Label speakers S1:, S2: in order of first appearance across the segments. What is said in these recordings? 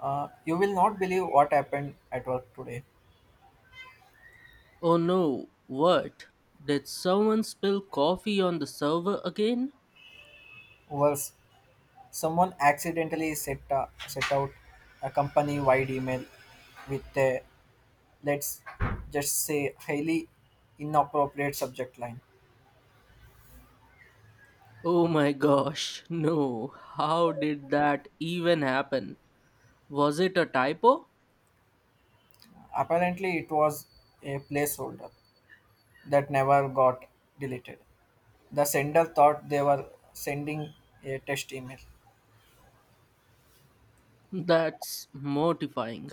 S1: You will not believe what happened at work today.
S2: Oh no, what? Did someone spill coffee on the server again?
S1: Worse, someone accidentally set out a company wide email with a, let's just say, highly inappropriate subject line.
S2: Oh my gosh, no. How did that even happen? Was it a typo?
S1: Apparently, it was a placeholder that never got deleted. The sender thought they were sending a test email.
S2: That's mortifying.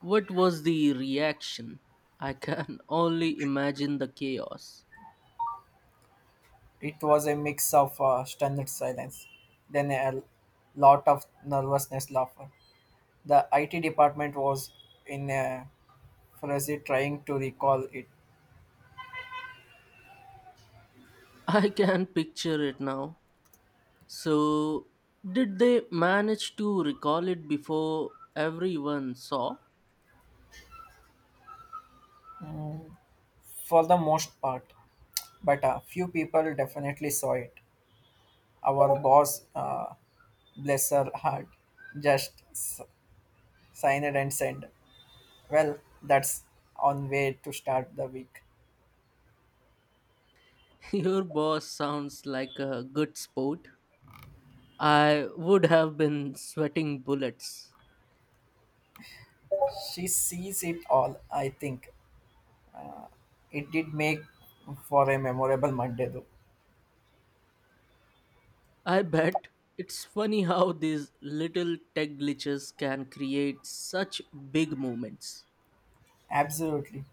S2: What was the reaction? I can only imagine the chaos.
S1: It was a mix of stunned silence, then a lot of nervousness laughter. The IT department was in a frenzy trying to recall it
S2: I can picture it now. So, did they manage to recall it before everyone saw?
S1: for the most part, but a few people definitely saw it. Our boss, bless her heart, just s- signed it and said, "Well, that's on way to start the week."
S2: Your boss sounds like a good sport. I would have been sweating bullets.
S1: She sees it all, I think. It did make for a memorable Monday, though.
S2: I bet it's funny how these little tech glitches can create such big moments.
S1: Absolutely.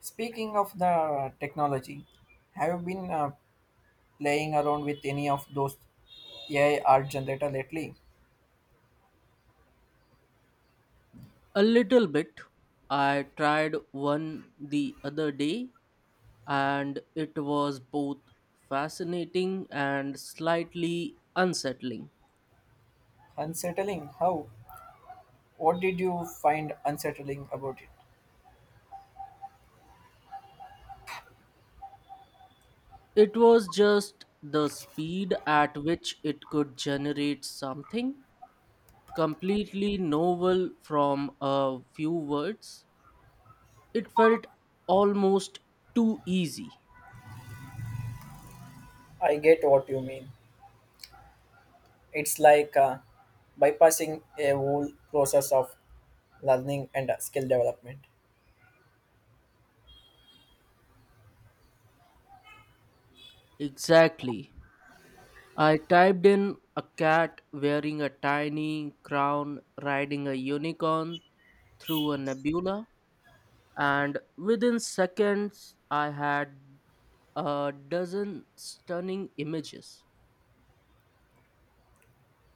S1: Speaking of the technology, have you been playing around with any of those AI art generator lately?
S2: A little bit. I tried one the other day and it was both fascinating and slightly unsettling.
S1: Unsettling? How? What did you find unsettling about it?
S2: It was just the speed at which it could generate something completely novel from a few words. It felt almost too easy.
S1: I get what you mean. It's like bypassing a whole process of learning and skill development.
S2: Exactly. I typed in a cat wearing a tiny crown riding a unicorn through a nebula, and within seconds, I had a dozen stunning images.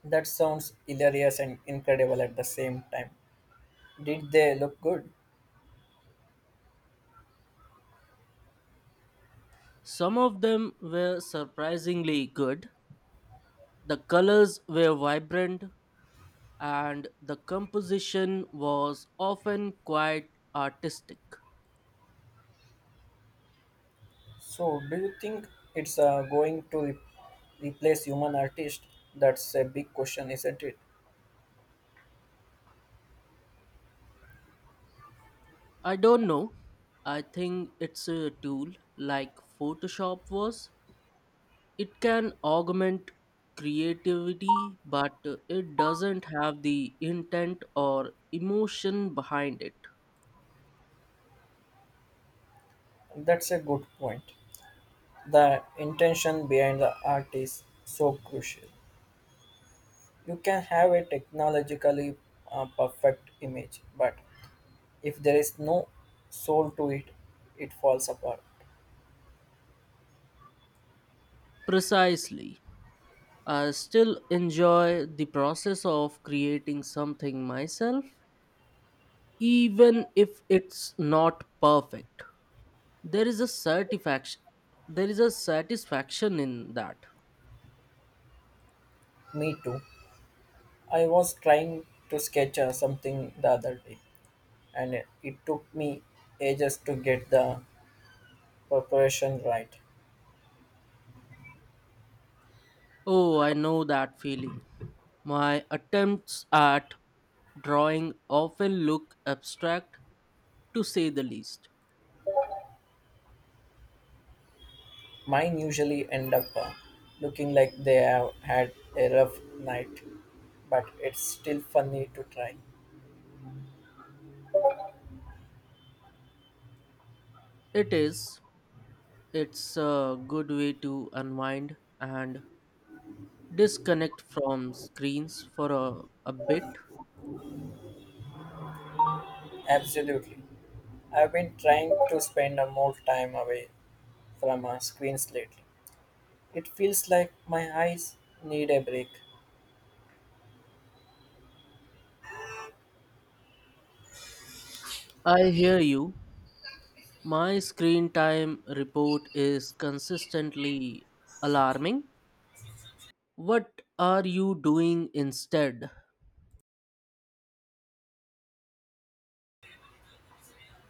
S1: That sounds hilarious and incredible at the same time. Did they look good?
S2: Some of them were surprisingly good. The colors were vibrant, and the composition was often quite artistic.
S1: So, do you think it's going to replace human artists? That's a big question, isn't it?
S2: I don't know. I think it's a tool like Photoshop was. It can augment creativity, but it doesn't have the intent or emotion behind it.
S1: That's a good point. The intention behind the art is so crucial. You can have a technologically perfect image, but if there is no soul to it, it falls apart.
S2: Precisely. I still enjoy the process of creating something myself, even if it's not perfect. There is a satisfaction. There is a satisfaction in that.
S1: Me too. I was trying to sketch something the other day, and it took me ages to get the preparation right.
S2: Oh, I know that feeling. My attempts at drawing often look abstract, to say the least.
S1: Mine usually end up looking like they have had a rough night, but it's still funny to try.
S2: It is. It's a good way to unwind and disconnect from screens for a bit.
S1: Absolutely. I've been trying to spend a more time away from our screens lately. It feels like my eyes need a break.
S2: I hear you. My screen time report is consistently alarming. What are you doing instead?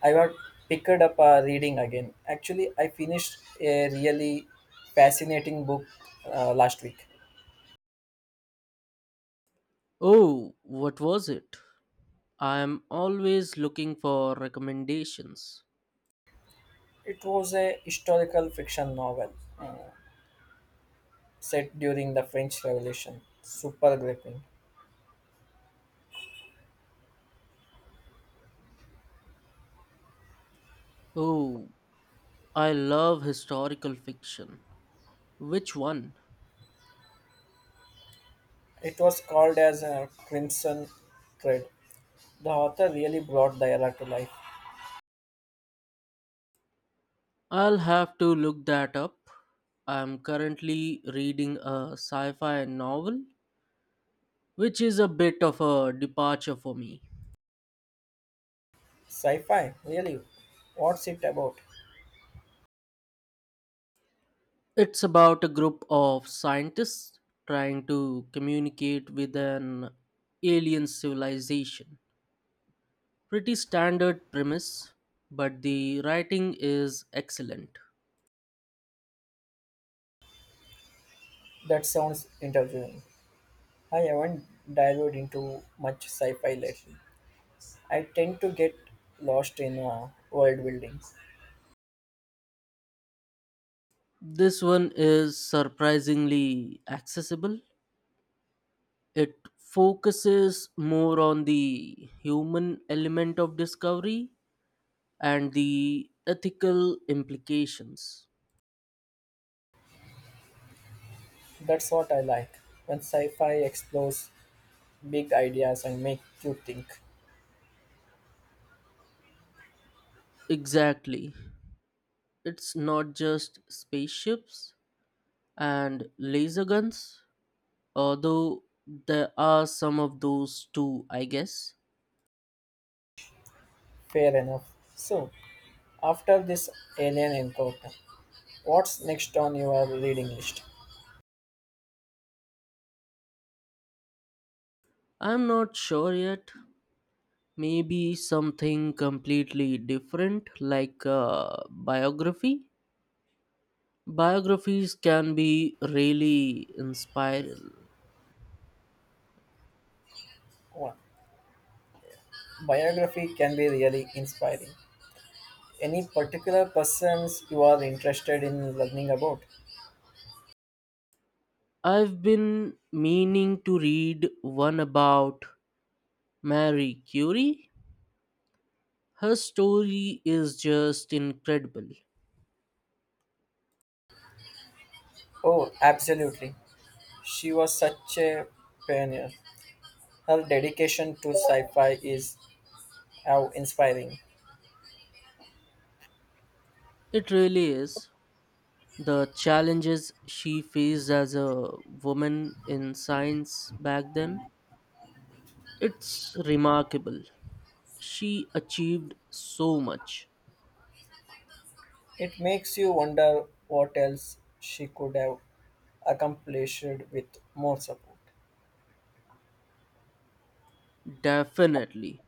S1: I got picked up reading again. Actually, I finished a really fascinating book last week.
S2: Oh, what was it? I am always looking for recommendations.
S1: It was a historical fiction novel uh, set during the French Revolution. Super gripping.
S2: Oh, I love historical fiction. Which one?
S1: It was called as a Crimson Thread. The author really brought the era to life.
S2: I'll have to look that up. I'm currently reading a sci fi novel, which is a bit of a departure for me.
S1: Sci-fi, really? What's it about?
S2: It's about a group of scientists trying to communicate with an alien civilization. Pretty standard premise, but the writing is excellent.
S1: That sounds interviewing. I haven't dived into much sci-fi lately. I tend to get lost in world building.
S2: This one is surprisingly accessible. It focuses more on the human element of discovery and the ethical implications.
S1: That's what I like. When sci-fi explores big ideas and make you think.
S2: Exactly. It's not just spaceships and laser guns, although there are some of those too, I guess.
S1: Fair enough. So, after this alien encounter, what's next on your reading list?
S2: I'm not sure yet. Maybe something completely different, like a biography. Biographies can be really inspiring.
S1: One. Biography can be really inspiring. Any particular persons you are interested in learning about?
S2: I've been meaning to read one about Marie Curie. Her story is just incredible.
S1: Oh, absolutely. She was such a pioneer. Her dedication to sci fi is how inspiring.
S2: It really is. The challenges she faced as a woman in science back then, it's remarkable. She achieved so much.
S1: It makes you wonder what else she could have accomplished with more support.
S2: Definitely.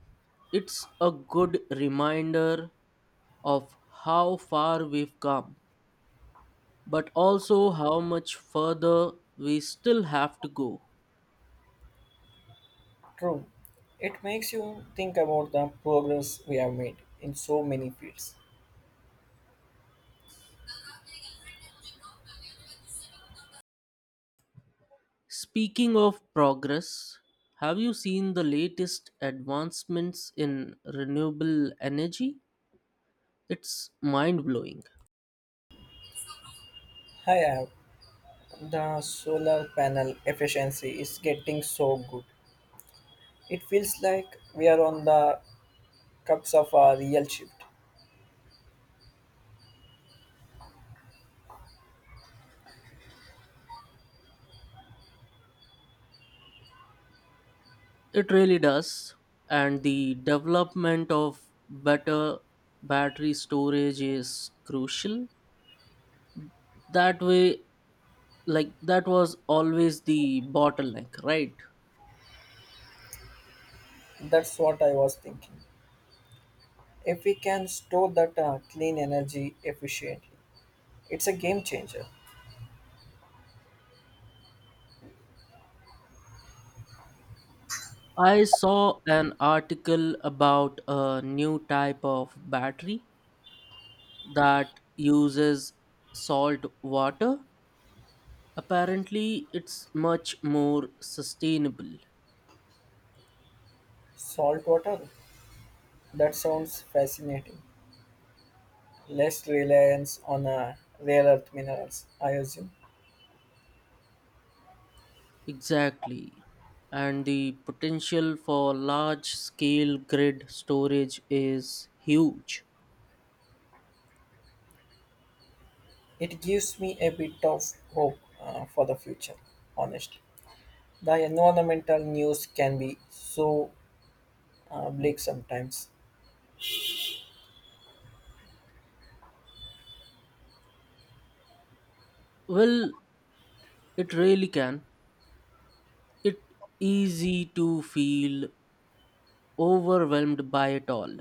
S2: It's a good reminder of how far we've come, but also how much further we still have to go.
S1: True, it makes you think about the progress we have made in so many fields.
S2: Speaking of progress, have you seen the latest advancements in renewable energy? It's mind blowing.
S1: I have the solar panel efficiency is getting so good. It feels like we are on the cups of a real shift.
S2: It really does. And the development of better battery storage is crucial. That way, like, that was always the bottleneck, right?
S1: That's what I was thinking. If we can store that clean energy efficiently, it's a game changer.
S2: I saw an article about a new type of battery that uses salt water. Apparently, it's much more sustainable.
S1: Salt water? That sounds fascinating. Less reliance on rare earth minerals, I assume.
S2: Exactly. And the potential for large scale grid storage is huge.
S1: It gives me a bit of hope for the future, honestly. The environmental news can be so bleak sometimes.
S2: Well, it really can. It easy to feel overwhelmed by it all.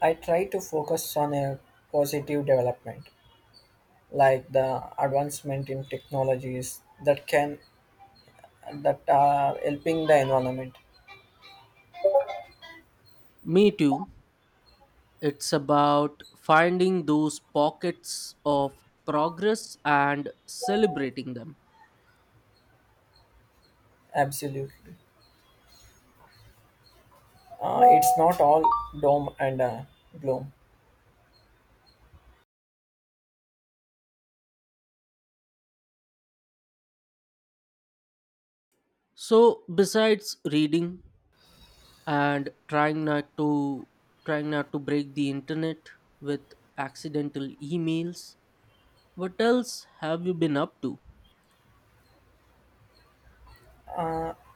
S1: I try to focus on a positive development, like the advancement in technologies that are helping the environment.
S2: Me too. It's about finding those pockets of progress and celebrating them.
S1: Absolutely. It's not all doom and gloom.
S2: So besides reading and trying not to break the internet with accidental emails, what else have you been up to?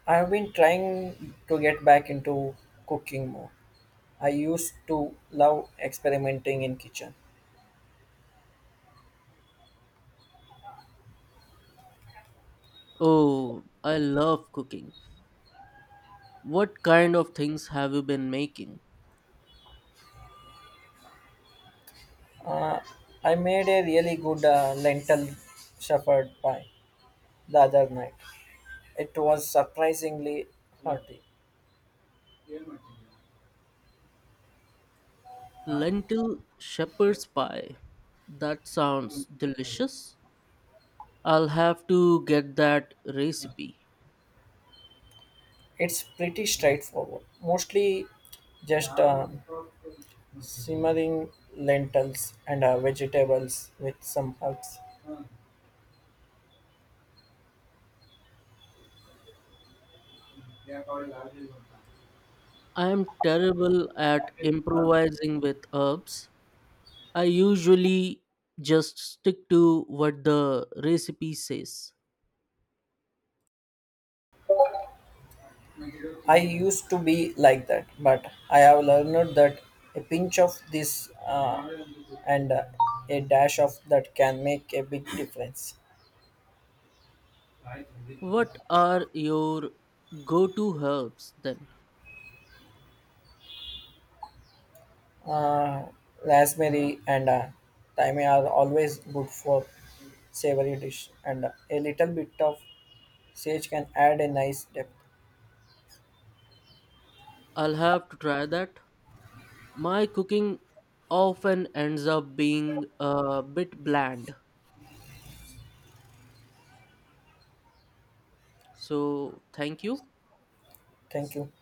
S1: I have been trying to get back into cooking more. I used to love experimenting in kitchen.
S2: Oh, I love cooking. What kind of things have you been making?
S1: I made a really good lentil shepherd pie the other night. It was surprisingly hearty.
S2: Lentil shepherd's pie. That sounds delicious. I'll have to get that recipe.
S1: It's pretty straightforward. Mostly just simmering lentils and vegetables with some herbs.
S2: I'm terrible at improvising with herbs. I usually just stick to what the recipe says.
S1: I used to be like that, but I have learned that a pinch of this and a dash of that can make a big difference.
S2: What are your go to herbs then?
S1: Uh, Rosemary and thyme are always good for savory dish, and a little bit of sage can add a nice depth.
S2: I'll have to try that. My cooking often ends up being a bit bland. So, thank you.
S1: Thank you.